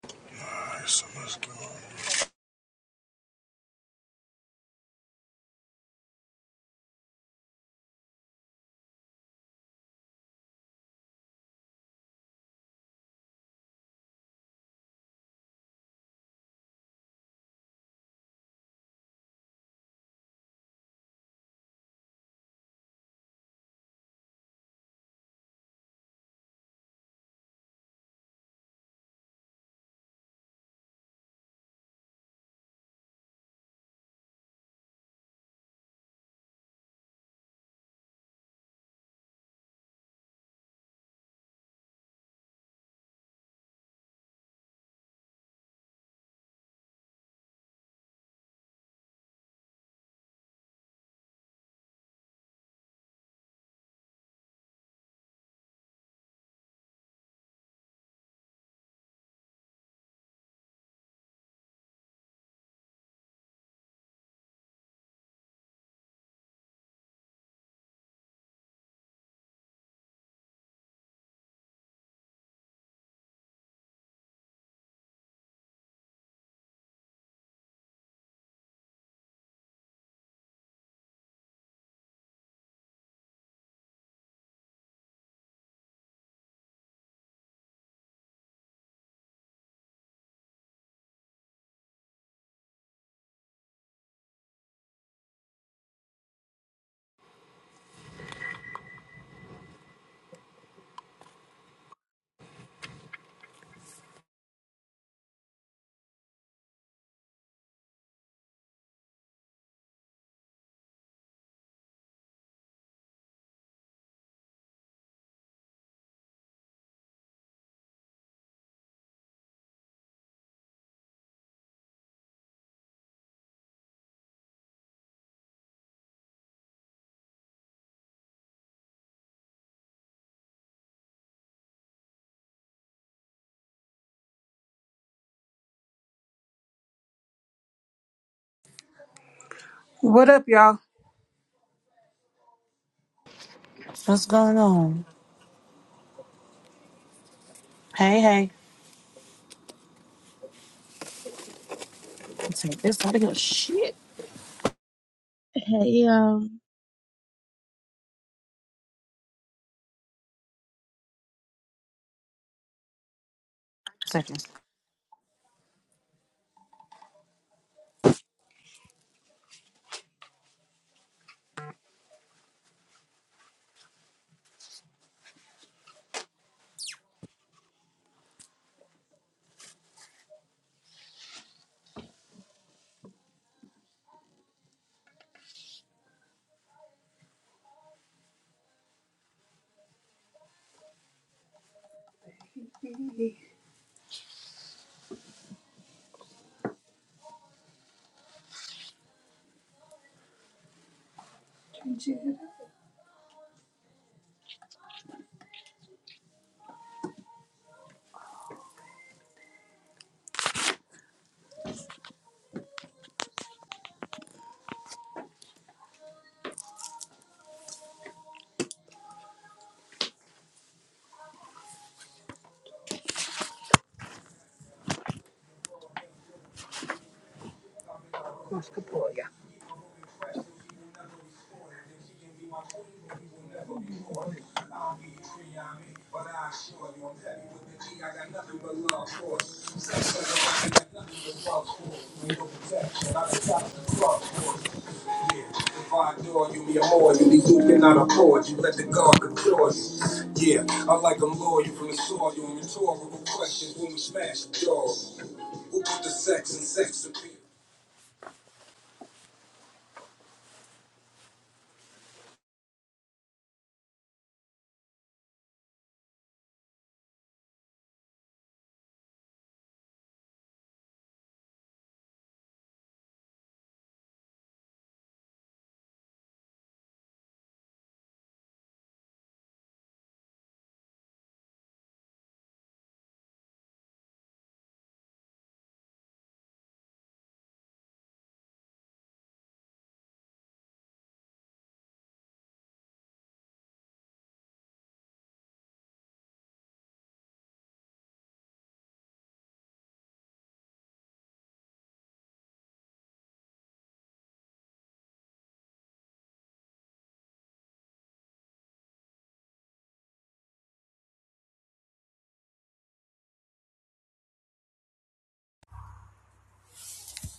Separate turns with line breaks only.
Summer
What up, y'all?
What's going on? Hey, hey. Take this out of here. Shit.
Hey,
Second.
What's the boy, y'all? You be a whore, you be duping out a cord, you let the guard control you. Yeah, I like them loyal from the soil, you and rhetorical questions when we smash the door. Who put the sex and sex appeal?